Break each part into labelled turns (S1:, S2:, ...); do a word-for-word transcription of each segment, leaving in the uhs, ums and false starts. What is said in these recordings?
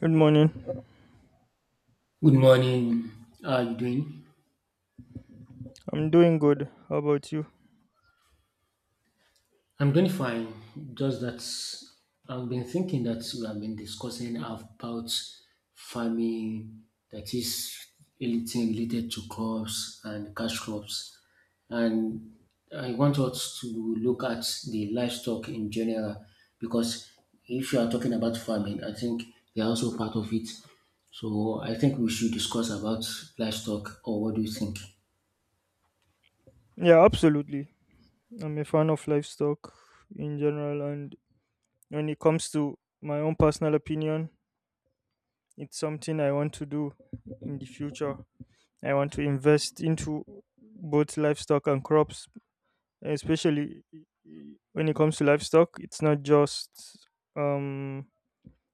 S1: Good morning.
S2: Good morning. How are you doing?
S1: I'm doing good. How about you?
S2: I'm doing fine. Just that I've been thinking that we have been discussing about farming, that is anything related to crops and cash crops. And I want us to look at the livestock in general because if you are talking about farming, I think they are also part of it. So I think we should discuss about livestock, or what do you think?
S1: Yeah, absolutely. I'm a fan of livestock in general, and when it comes to my own personal opinion, it's something I want to do in the future. I want to invest into both livestock and crops, especially when it comes to livestock. It's not just um,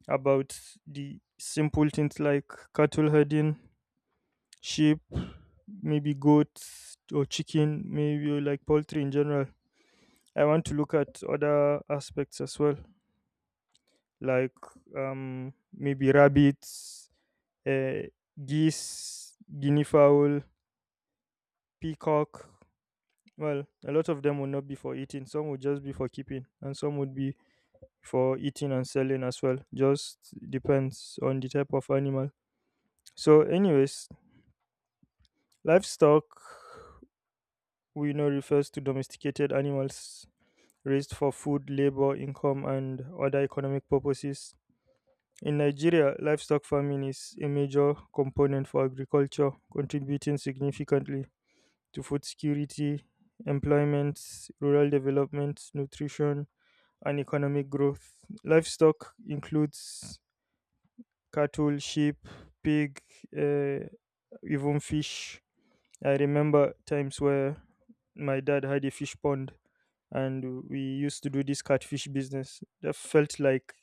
S1: about the simple things like cattle herding sheep, maybe goats or chicken, maybe like poultry in general. I want to look at other aspects as well, like um, maybe rabbits, uh, geese, guinea fowl, peacock. Well, a lot of them would not be for eating. Some would just be for keeping, and some would be for eating and selling as well. Just depends on the type of animal. So, anyways, livestock we know refers to domesticated animals raised for food, labor, income, and other economic purposes. In Nigeria, livestock farming is a major component for agriculture, contributing significantly to food security, employment, rural development, nutrition, and economic growth. Livestock includes cattle, sheep, pig, uh, even fish. I remember times where my dad had a fish pond and we used to do this catfish business. That felt like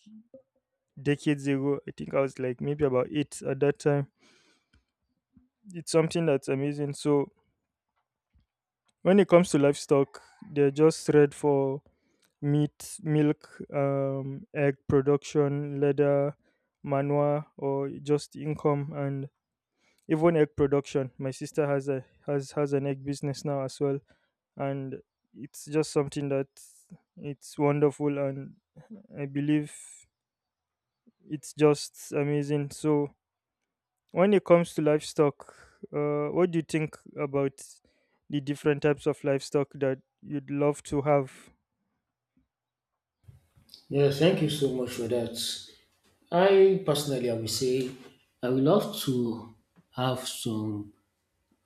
S1: decades ago. I think I was like maybe about eight at that time. It's something that's amazing. So when it comes to livestock, they're just red for meat, milk, um, egg production, leather, manure, or just income and even egg production. My sister has a has has an egg business now as well, and it's just something that it's wonderful and I believe it's just amazing. So, when it comes to livestock, uh, what do you think about the different types of livestock that you'd love to have?
S2: Yes, thank you so much for that. I personally, I would say I would love to have some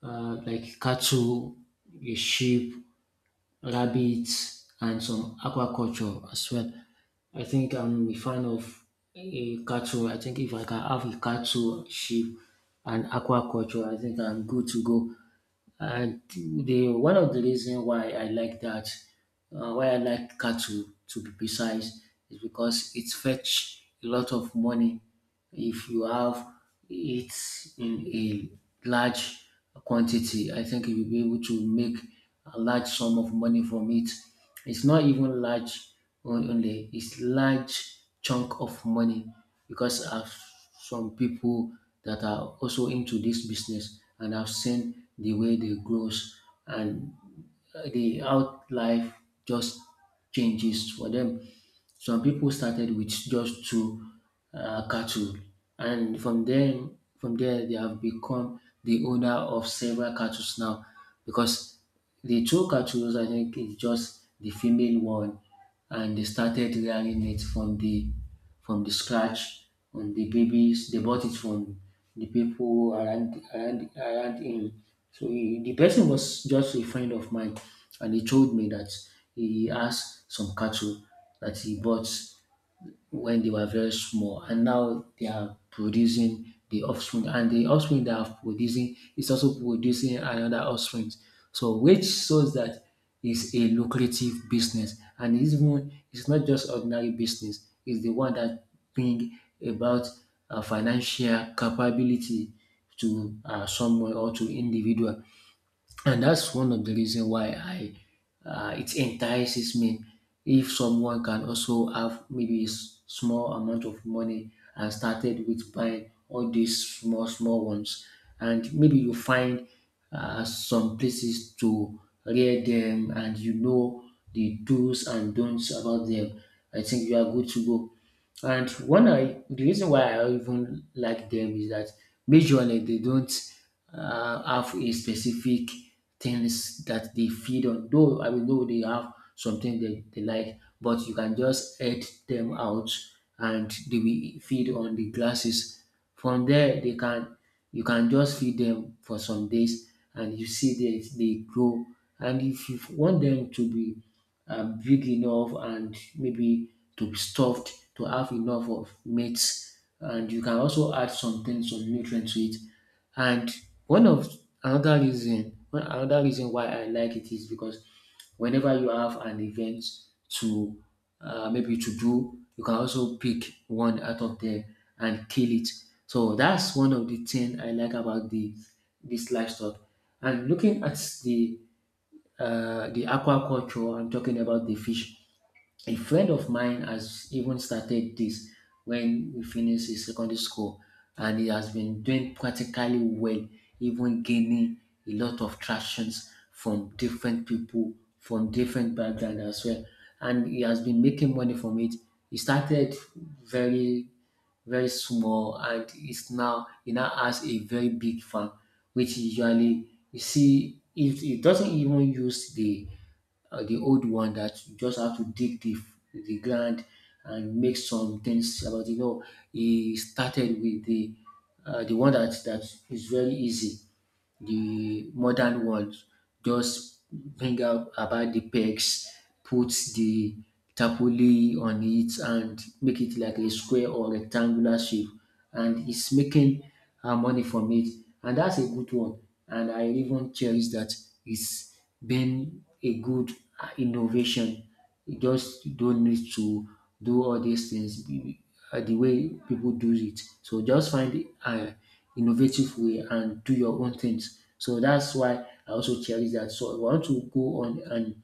S2: uh, like cattle, a sheep, rabbits, and some aquaculture as well. I think I'm a fan of a cattle. I think if I can have a cattle, sheep, and aquaculture, I think I'm good to go. And the one of the reason why I like that, uh, why I like cattle to be precise, is because it fetch a lot of money if you have it in a large quantity. I think you'll be able to make a large sum of money from it. It's not even large on- only; it's large chunk of money because I've some people that are also into this business, and I've seen the way they grows and uh, the out life just changes for them. Some people started with just two uh, cattle, and from then from there they have become the owner of several cattle now, because the two cattle, I think, is just the female one, and they started rearing it from the from the scratch on the babies. They bought it from the people around around, around him. So he, the person was just a friend of mine, and he told me that he has some cattle that he bought when they were very small, and now they are producing the offspring, and the offspring they are producing is also producing another offspring. So which shows that it's a lucrative business, and it's even it's not just ordinary business, it's the one that bring about uh, financial capability to uh, someone or to individual. And that's one of the reason why I uh, it entices me. If someone can also have maybe s- small amount of money and started with buying all these small small ones, and maybe you find uh, some places to rear them, and you know the do's and don'ts about them, I think you are good to go. And one I the reason why I even like them is that majorly they don't uh, have a specific things that they feed on. Though I will know they have something they, they like, but you can just add them out and they will feed on the grasses. From there they can you can just feed them for some days and you see they, they grow. And if you want them to be uh, big enough and maybe to be stuffed to have enough of mates, and you can also add something some nutrients to it. And one of another reason one another reason why I like it is because whenever you have an event to uh, maybe to do, you can also pick one out of there and kill it. So that's one of the thing I like about the this livestock. And looking at the uh, the aquaculture. I'm talking about the fish. A friend of mine has even started this when we finished his secondary school, and he has been doing practically well, even gaining a lot of tractions from different people, from different background as well. And he has been making money from it. He started very very small, and it's now he now has a very big farm, which usually you see it, it doesn't even use the uh, the old one that you just have to dig the, the ground and make some things about it. No, he started with the uh, the one that that is very easy, the modern ones. Just bring out about the pegs, put the tapoli on it and make it like a square or rectangular shape, and it's making uh, money from it. And that's a good one, and I even cherish that. It's been a good uh, innovation. You just don't need to do all these things the uh, the way people do it. So just find an innovative way and do your own things. So that's why I also cherish that. So I want to go on. And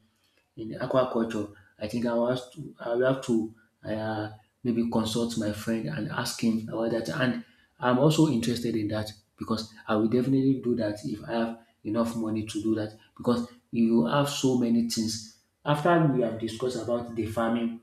S2: in aquaculture, I think I will have to, I will have to uh, maybe consult my friend and ask him about that. And I'm also interested in that, because I will definitely do that if I have enough money to do that, because you have so many things. After we have discussed about the farming,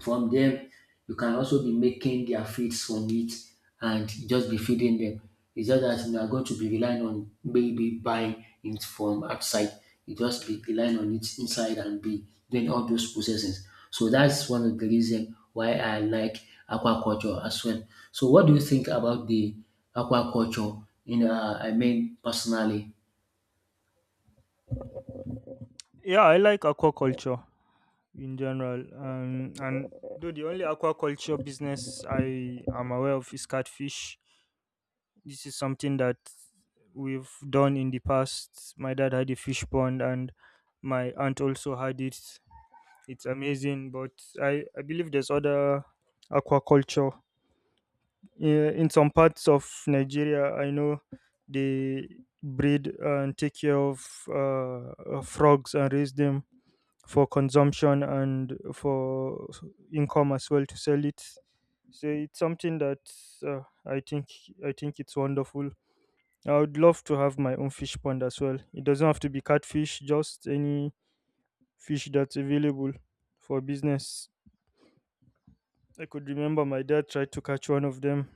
S2: from them, you can also be making their feeds from it and just be feeding them. It's just that you are going to be relying on maybe buying it from outside. You just be relying on it inside and be doing all those processes. So that's one of the reasons why I like aquaculture as well. So what do you think about the aquaculture? In uh, I mean personally.
S1: Yeah, I like aquaculture in general. Um, and though the only aquaculture business I am aware of is catfish. This is something that we've done in the past. My dad had a fish pond, and my aunt also had it. It's amazing, but I, I believe there's other aquaculture. Yeah, in some parts of Nigeria, I know they breed and take care of uh, uh, frogs and raise them for consumption and for s- income as well to sell it. So it's something that uh, I think I think it's wonderful. I would love to have my own fish pond as well. It doesn't have to be catfish, just any fish that's available for business. I could remember my dad tried to catch one of them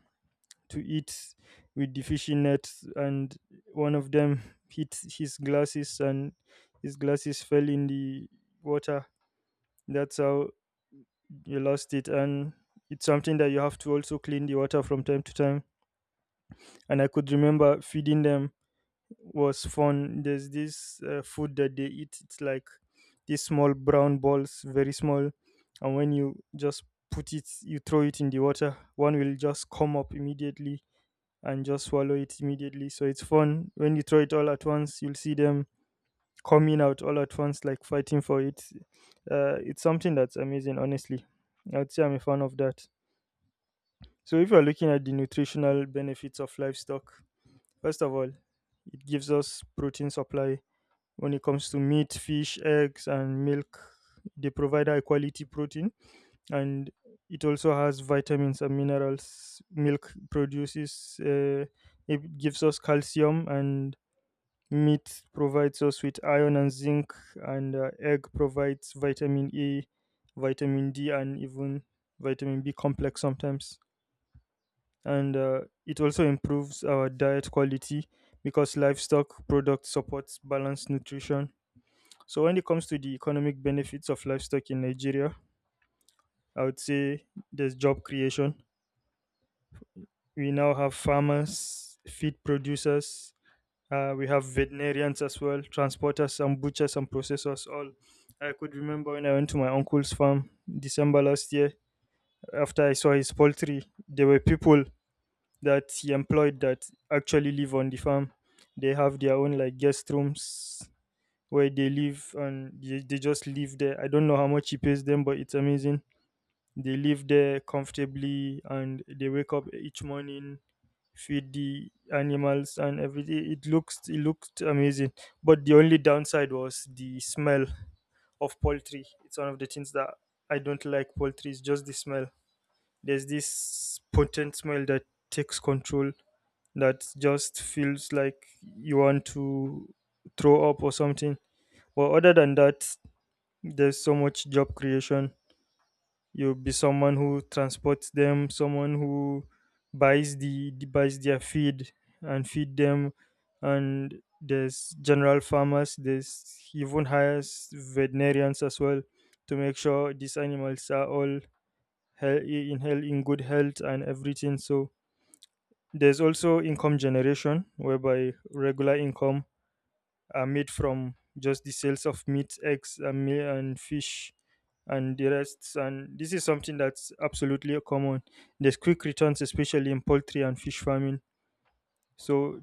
S1: to eat with the fishing net, and one of them hit his glasses, and his glasses fell in the water. That's how you lost it, and it's something that you have to also clean the water from time to time. And I could remember feeding them was fun. There's this uh, food that they eat. It's like these small brown balls, very small, and when you just put it, you throw it in the water. One will just come up immediately and just swallow it immediately. So it's fun. When you throw it all at once, you'll see them coming out all at once, like fighting for it. Uh, it's something that's amazing, honestly. I'd say I'm a fan of that. So if you're looking at the nutritional benefits of livestock, first of all, it gives us protein supply when it comes to meat, fish, eggs, and milk. They provide high quality protein, and it also has vitamins and minerals. Milk produces uh, it gives us calcium, and meat provides us with iron and zinc, and uh, egg provides vitamin e, vitamin d, and even vitamin b complex sometimes. And uh, it also improves our diet quality because livestock product supports balanced nutrition. So when it comes to the economic benefits of livestock in Nigeria, I would say there's job creation. We now have farmers, feed producers, uh, we have veterinarians as well, transporters and butchers and processors all. I could remember when I went to my uncle's farm December last year, after I saw his poultry, there were people that he employed that actually live on the farm. They have their own like guest rooms where they live and they, they just live there. I don't know how much he pays them, but it's amazing. They live there comfortably and they wake up each morning, feed the animals, and everything. It looks it looked amazing, but the only downside was the smell of poultry. It's one of the things that I don't like poultry, it's just the smell. There's this potent smell that takes control, that just feels like you want to throw up or something. But other than that, there's so much job creation. You'll be someone who transports them, someone who buys the buys their feed and feed them, and there's general farmers. There's even hires veterinarians as well to make sure these animals are all he- in hell in good health and everything. So there's also income generation whereby regular income are made from just the sales of meat, eggs, and, mi- and fish, and the rest. And this is something that's absolutely common. There's quick returns, especially in poultry and fish farming. So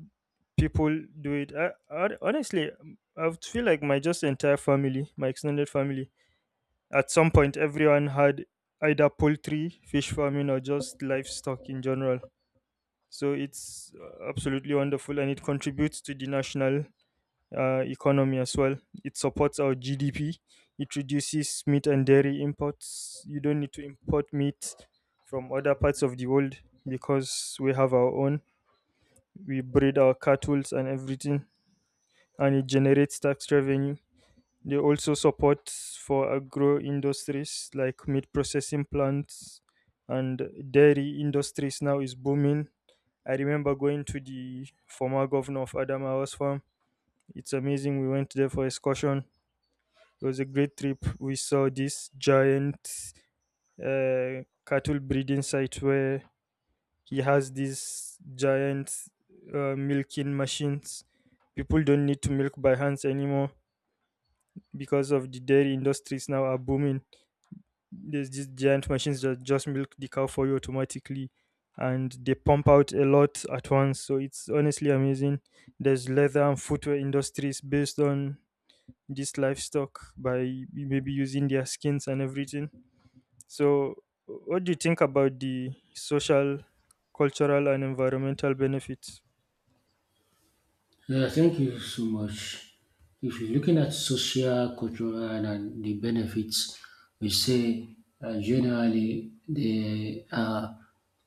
S1: people do it. I, I, honestly, um, I would feel like my just entire family, my extended family, at some point, everyone had either poultry, fish farming, or just livestock in general. So it's uh, absolutely wonderful, and it contributes to the national uh, economy as well. It supports our G D P. It reduces meat and dairy imports. You don't need to import meat from other parts of the world because we have our own. We breed our cattle and everything, and it generates tax revenue. They also support for agro industries like meat processing plants and dairy industries now is booming. I remember going to the former governor of Adamawa's farm. It's amazing. We went there for excursion. It was a great trip. We saw this giant uh, cattle breeding site where he has these giant uh, milking machines. People don't need to milk by hands anymore because of the dairy industries now are booming. There's these giant machines that just milk the cow for you automatically and they pump out a lot at once. So it's honestly amazing. There's leather and footwear industries based on this livestock by maybe using their skins and everything. So, what do you think about the social, cultural, and environmental benefits?
S2: Yeah, thank you so much. If you're looking at social, cultural, and the benefits, we say uh, generally they are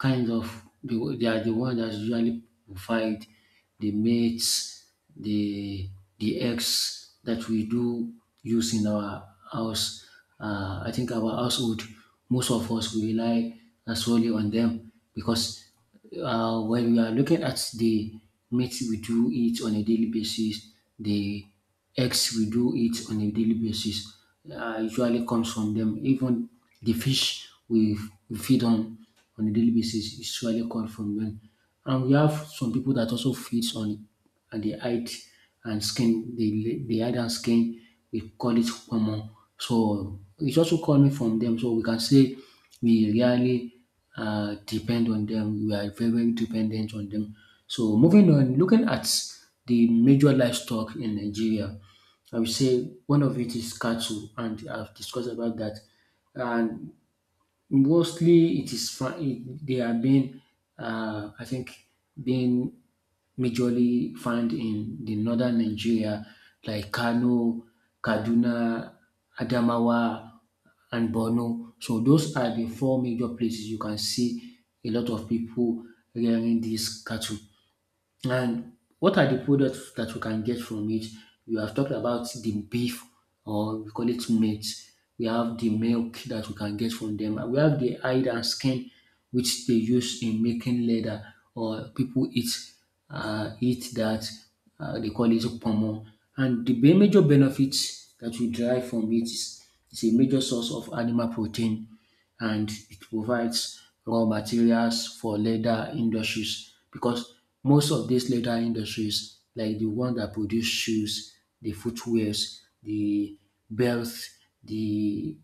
S2: kind of they, they are the one that usually provide the mates, the the eggs that we do use in our house. Uh, I think our household, most of us we rely solely on them, because uh, when we are looking at the meat, we do it on a daily basis, the eggs we do it on a daily basis, uh, usually comes from them. Even the fish we, we feed on on a daily basis usually comes from them. And we have some people that also feeds on and the height and skin, the, the height and skin, we call it common. So it's also coming from them. So we can say we really uh, depend on them. We are very, very dependent on them. So moving on, looking at the major livestock in Nigeria, I would say one of it is cattle, and I've discussed about that. And mostly, it is fr- it, they are being, uh, I think, being majorly found in the northern Nigeria, like Kano, Kaduna, Adamawa, and Borno. So those are the four major places you can see a lot of people rearing these cattle. And what are the products that we can get from it? We have talked about the beef, or we call it meat. We have the milk that we can get from them. We have the hide and skin, which they use in making leather, or people eat uh, eat that. Uh, they call it pomo. And the be- major benefits that we derive from it is, is a major source of animal protein, and it provides raw materials for leather industries, because most of these leather industries, like the one that produce shoes, the footwears, the belts, the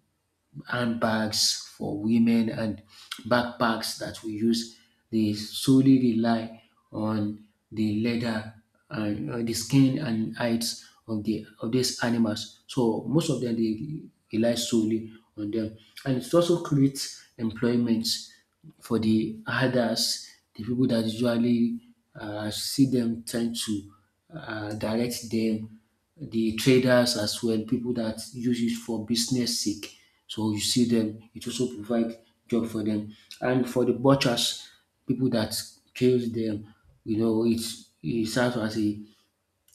S2: handbags for women, and backpacks that we use. They solely rely on the leather and uh, the skin and hides of the of these animals. So most of them they rely solely on them, and it also creates employment for the others, the people that usually uh, see them tend to uh, direct them, the traders as well, people that use it for business sake. So you see them, it also provide job for them. And for the butchers, people that kills them, you know, it's it serves as a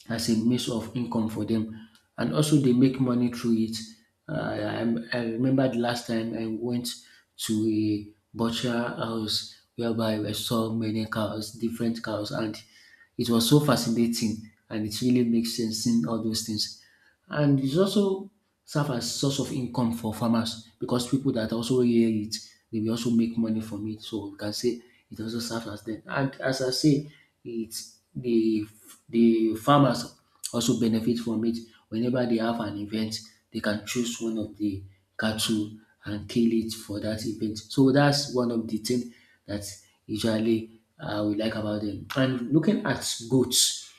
S2: as a means of income for them. And also they make money through it. Uh, I, I remember the last time I went to a butcher house whereby I saw many cows, different cows, and it was so fascinating and it really makes sense in all those things. And it's also serve as source of income for farmers, because people that also hear it, they will also make money from it. So we can say it also serves as them. And as I say, it's the the farmers also benefit from it. Whenever they have an event, they can choose one of the cattle and kill it for that event. So that's one of the thing that usually I would like about them. And looking at goats,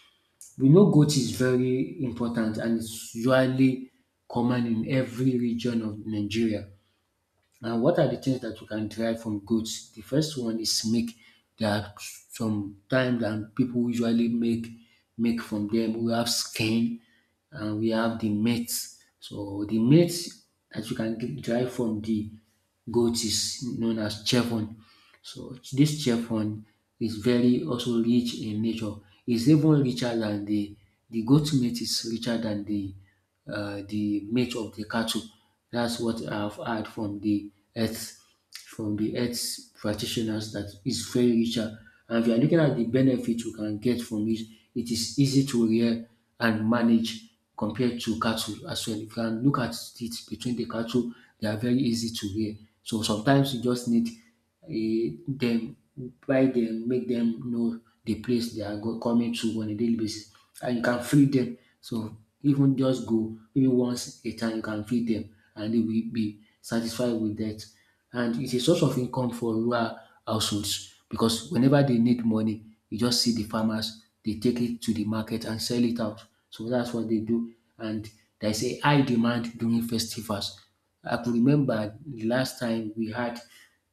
S2: we know goat is very important and it's usually common in every region of Nigeria. Now, what are the things that you can derive from goats? The first one is milk. There are some time that people usually make milk from them. We have skin and we have the meat. So the meat that you can get- derive from the goat is known as chevron. So this chevron is very also rich in nature. It's even richer than the the goat meat is richer than the uh, the meat of the cattle. That's what I've heard from the earth, from the earth practitioners, that is very richer. And if you are looking at the benefit you can get from it, it is easy to rear and manage compared to cattle as well. You can look at it between the cattle, they are very easy to rear. So sometimes you just need dem why dem make dem know the place they are go coming to on a daily basis and you can feed dem. So even just go maybe once a time you can feed dem and they will be satisfied with that. And it's a source of income for rural households because whenever they need money, you just see the farmers, they take it to the market and sell it out. So that's what they do. And there's a high demand during festivals. I could remember the last time we had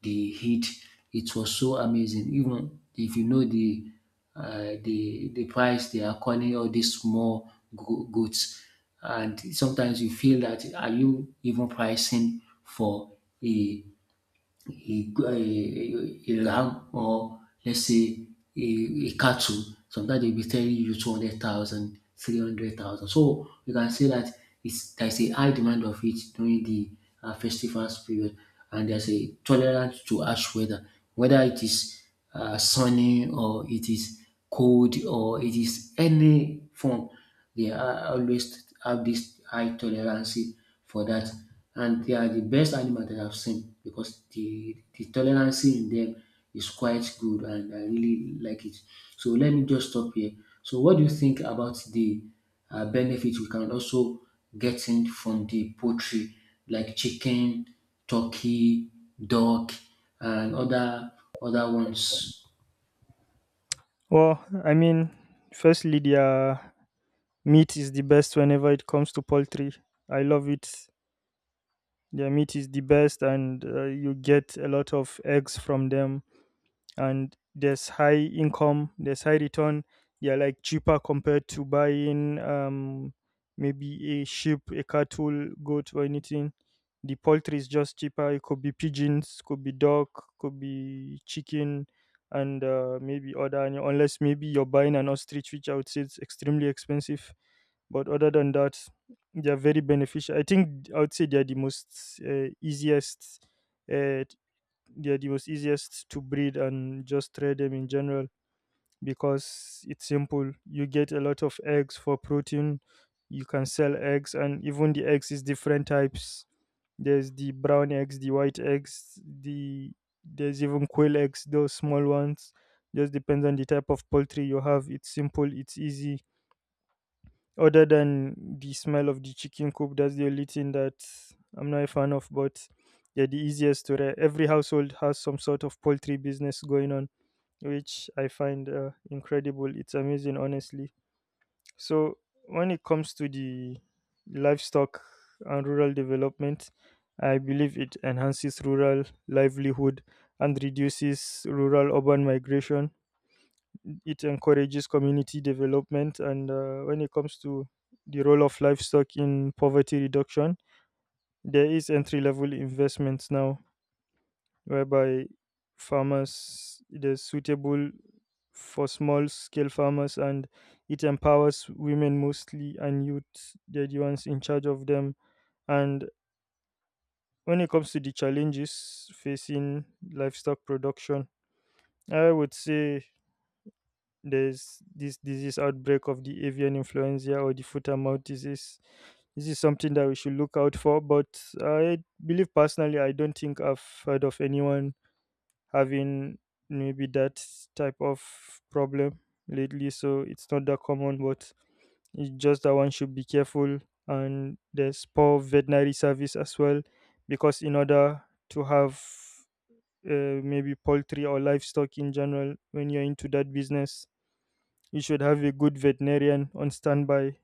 S2: the heat. It was so amazing. Even if you know the uh, the the price they are calling all these small go- goods, and sometimes you feel that are you even pricing for a a, a, a ram, or let's say a, a cattle, sometimes they'll be telling you two hundred thousand, three hundred thousand. So you can say that it's, there's a high demand of it during the uh, festivals period, and there's a tolerance to harsh weather, whether it is uh, sunny, or it is cold, or it is any form. They are always have this high tolerance for that, and they are the best animal that I've seen because the, the tolerance in them is quite good and I really like it. So let me just stop here. So what do you think about the uh, benefits we can also get in from the poultry, like chicken, turkey, duck, and other other ones?
S1: Well, I mean, firstly, their meat is the best whenever it comes to poultry. I love it. Their meat is the best, and uh, you get a lot of eggs from them. And there's high income, there's high return. They are like cheaper compared to buying um, maybe a sheep, a cattle, goat, or anything. The poultry is just cheaper. It could be pigeons, could be duck, could be chicken, and uh, maybe other animal- unless maybe you're buying an ostrich, which I would say it's extremely expensive. But other than that, they are very beneficial. I think I would say they are the most uh, easiest uh, they're the most easiest to breed and just trade them in general because it's simple. You get a lot of eggs for protein. You can sell eggs, and even the eggs is different types. There's the brown eggs, the white eggs, the there's even quail eggs, those small ones. Just depends on the type of poultry you have. It's simple, it's easy other than the smell of the chicken coop, that's the only thing that I'm not a fan of, but they're the easiest to re- every household has some sort of poultry business going on, which I find uh, incredible. It's amazing, honestly. So, when it comes to the livestock and rural development, I believe it enhances rural livelihood and reduces rural urban migration. It encourages community development. And uh, when it comes to the role of livestock in poverty reduction, there is entry level investments now whereby farmers, it is suitable for small scale farmers, and it empowers women mostly and youth. They're the ones in charge of them. And when it comes to the challenges facing livestock production, I would say there's this disease outbreak of the avian influenza or the foot and mouth disease. This is something that we should look out for. But I believe personally, I don't think I've heard of anyone having maybe that type of problem lately. So it's not that common, but it's just that one should be careful. And there's poor veterinary service as well, because in order to have uh, maybe poultry or livestock in general, when you're into that business, you should have a good veterinarian on standby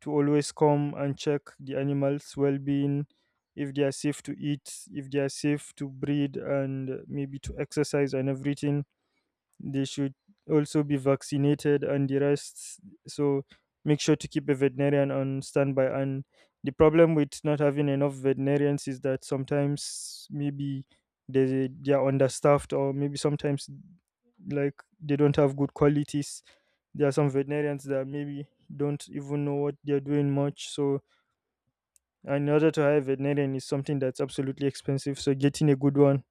S1: to always come and check the animals' well being, if they are safe to eat, if they are safe to breed, and maybe to exercise and everything. They should also be vaccinated and the rest. So make sure to keep a veterinarian on standby. And the problem with not having enough veterinarians is that sometimes maybe they, they are understaffed, or maybe sometimes like they don't have good qualities. There are some veterinarians that maybe don't even know what they're doing much. So, in order to hire a veterinarian is something that's absolutely expensive. So, getting a good one,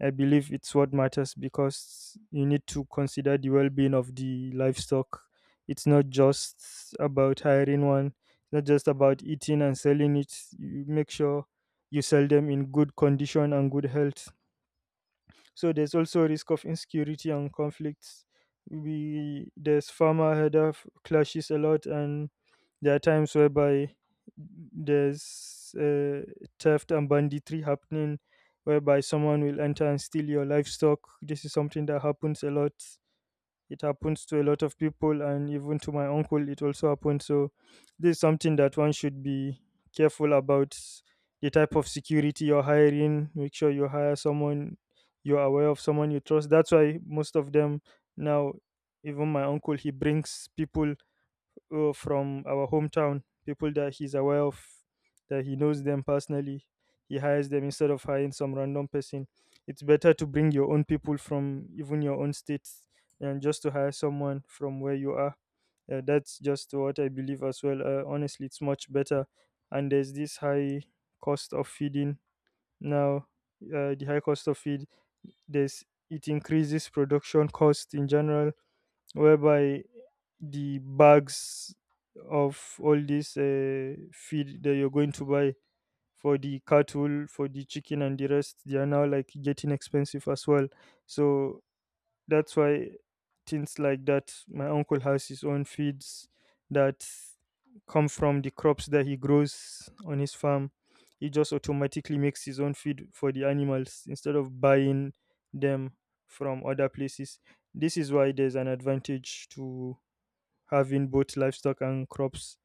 S1: I believe it's what matters because you need to consider the well being of the livestock. It's not just about hiring one, it's not just about eating and selling it. You make sure you sell them in good condition and good health, so there's also risk of insecurity and conflicts. We there's farmer header f- clashes a lot, and there are times whereby there's uh, theft and banditry happening, whereby someone will enter and steal your livestock. This is something that happens a lot. It happens to a lot of people, and even to my uncle it also happened. So this is something that one should be careful about. The type of security you're hiring, make sure you hire someone you're aware of, someone you trust. That's why most of them now, even my uncle, he brings people uh, from our hometown, people that he's aware of, that he knows them personally. He hires them instead of hiring some random person. It's better to bring your own people from even your own states than just to hire someone from where you are. Uh, that's just what I believe as well. Uh, honestly, it's much better. And there's this high cost of feeding now. Uh, the high cost of feed, there's it increases production cost in general, whereby the bags of all this uh, feed that you're going to buy for the cattle, for the chicken, and the rest, they are now like getting expensive as well. So that's why, things like that, my uncle has his own feeds that come from the crops that he grows on his farm. He just automatically makes his own feed for the animals instead of buying them from other places. This is why there's an advantage to having both livestock and crops.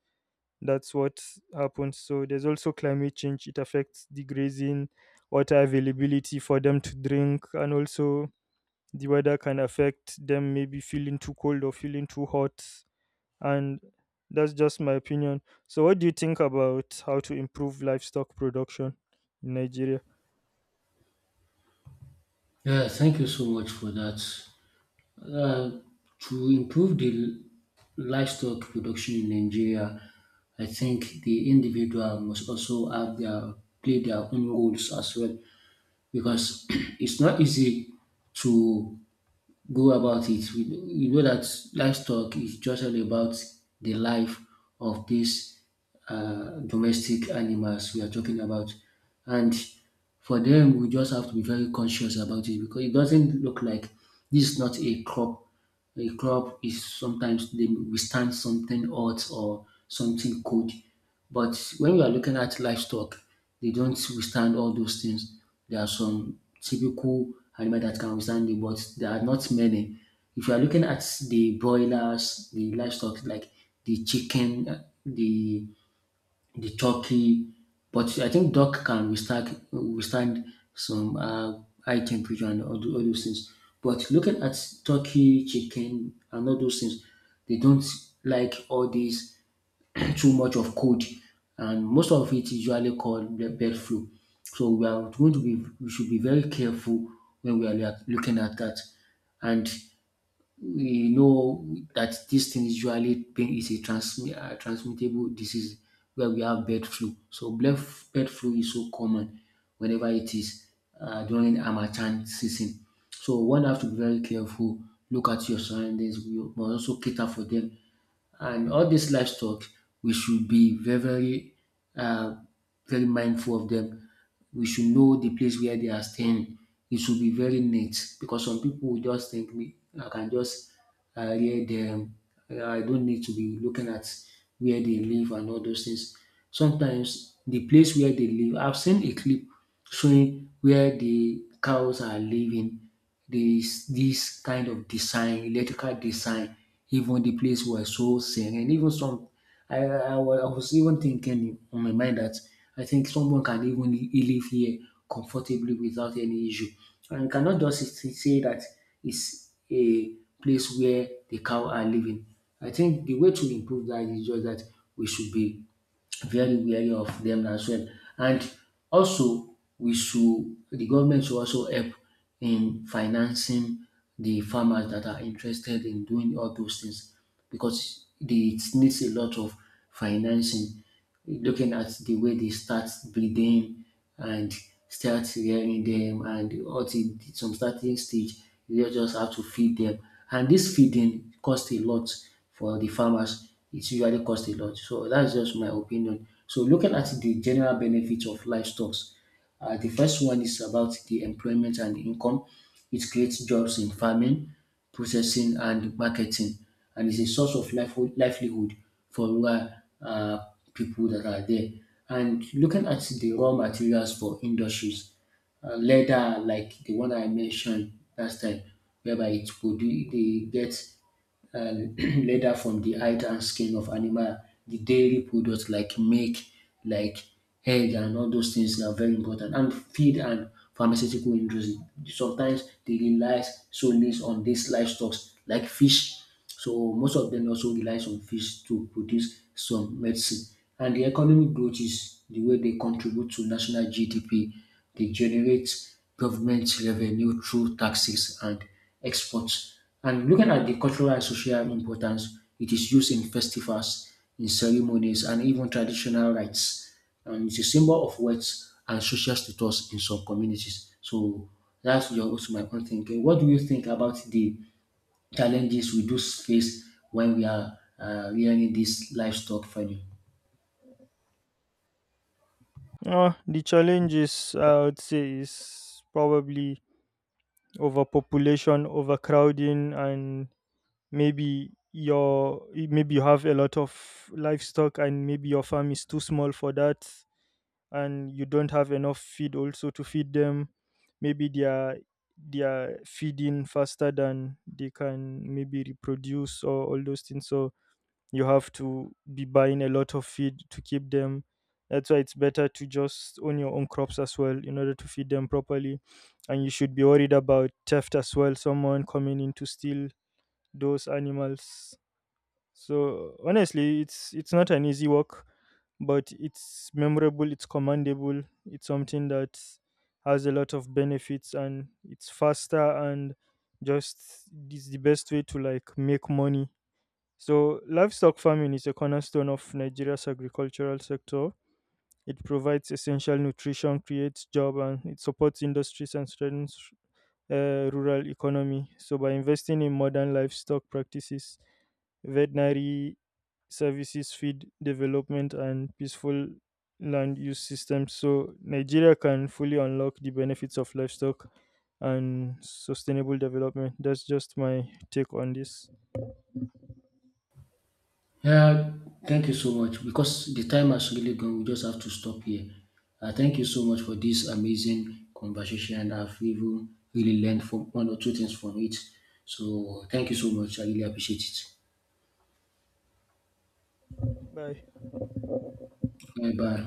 S1: That's what happens. So there's also climate change. It affects the grazing, water availability for them to drink, and also the weather can affect them, maybe feeling too cold or feeling too hot. And that's just my opinion. So what do you think about how to improve livestock production in Nigeria?
S2: Yeah, thank you so much for that. Uh, to improve the livestock production in Nigeria, I think the individual must also have their play their own roles as well because it's not easy to go about it. We, we know that livestock is just all about the life of these uh, domestic animals we are talking about, and for them we just have to be very conscious about it because it doesn't look like this is not a crop. A club is sometimes they withstand something hot or something cold. But when we are looking at livestock, they don't withstand all those things. There are some typical animal that can withstand it, but there are not many. If you are looking at the broilers, the livestock like the chicken, the the turkey, but I think duck can withstand withstand some uh, high temperature and all, tho- all those things. But looking at turkey, chicken, and all those things, they don't like all these too much of cold, and most of it is usually called the bird flu. So we are going to be we should be very careful when we are lea- looking at that. And we know that this thing usually pain is a transmi- uh, transmittable disease where we have bird flu. So bird, bird flu is so common whenever it is uh, during Amachan season. So one have to be very careful, look at your surroundings, you must also cater for them and all these livestock, we should be very, very, uh, very mindful of them. We should know the place where they are staying. It should be very neat because some people will just think me, I can just uh, rear them. I don't need to be looking at where they live and all those things. Sometimes the place where they live, I've seen a clip showing where the cows are living, there is this kind of design, electrical design. Even the place was so serene. Even some, I, I, wa- I was even thinking on my mind that I think someone can even li- live here comfortably without any issue. And you cannot just s- say that it's a place where the cow are living. I think the way to improve that is just that we should be very wary of them as well. And also, we should the government should also help in financing the farmers that are interested in doing all those things because the, it needs a lot of financing. Looking at the way they start breeding, and start rearing them, and up till some starting stage you just have to feed them, and this feeding cost a lot for the farmers, it usually cost a lot. So that's just my opinion. So looking at the general benefits of livestock, uh, the first one is about the employment and income. It creates jobs in farming, processing, and marketing, and is a source of life- livelihood for rural uh, people that are there. And looking at the raw materials for industries, uh, leather like the one I mentioned last time, whereby it produce they get and leather from the hide and skin of animal, the dairy products like milk, like egg, and all those things are very important, and feed and pharmaceutical industry. Sometimes they relies solely on these livestock like fish. So most of them also relies on fish to produce some medicine. And the economic growth is the way they contribute to national G D P. They generate government revenue through taxes and exports. And looking at the cultural and social importance, it is used in festivals, in ceremonies, and even traditional rites. And it's a symbol of wealth and social status in some communities. So that's your also my own thinking. What do you think about the challenges we do face when we are uh, rearing this livestock farming?
S1: Uh, the challenges I would say is probably overpopulation, overcrowding, and maybe your, maybe you have a lot of livestock and maybe your farm is too small for that, and you don't have enough feed also to feed them. Maybe they are, they are feeding faster than they can maybe reproduce or all those things. So you have to be buying a lot of feed to keep them. That's why it's better to just own your own crops as well, in order to feed them properly. And you should be worried about theft as well, someone coming in to steal those animals. So honestly, it's it's not an easy work, but it's memorable, it's commendable, it's something that has a lot of benefits, and it's faster and just is the best way to like make money. So livestock farming is a cornerstone of Nigeria's agricultural sector. It provides essential nutrition, creates job, and it supports industries and strengthens uh, rural economy. So by investing in modern livestock practices, veterinary services, feed development, and peaceful land use systems, so Nigeria can fully unlock the benefits of livestock and sustainable development. That's just my take on this.
S2: Yeah, thank you so much because the time has really gone. We just have to stop here. Uh, thank you so much for this amazing conversation. I've even really learned from one or two things from it. So thank you so much. I really appreciate it.
S1: Bye.
S2: Bye bye.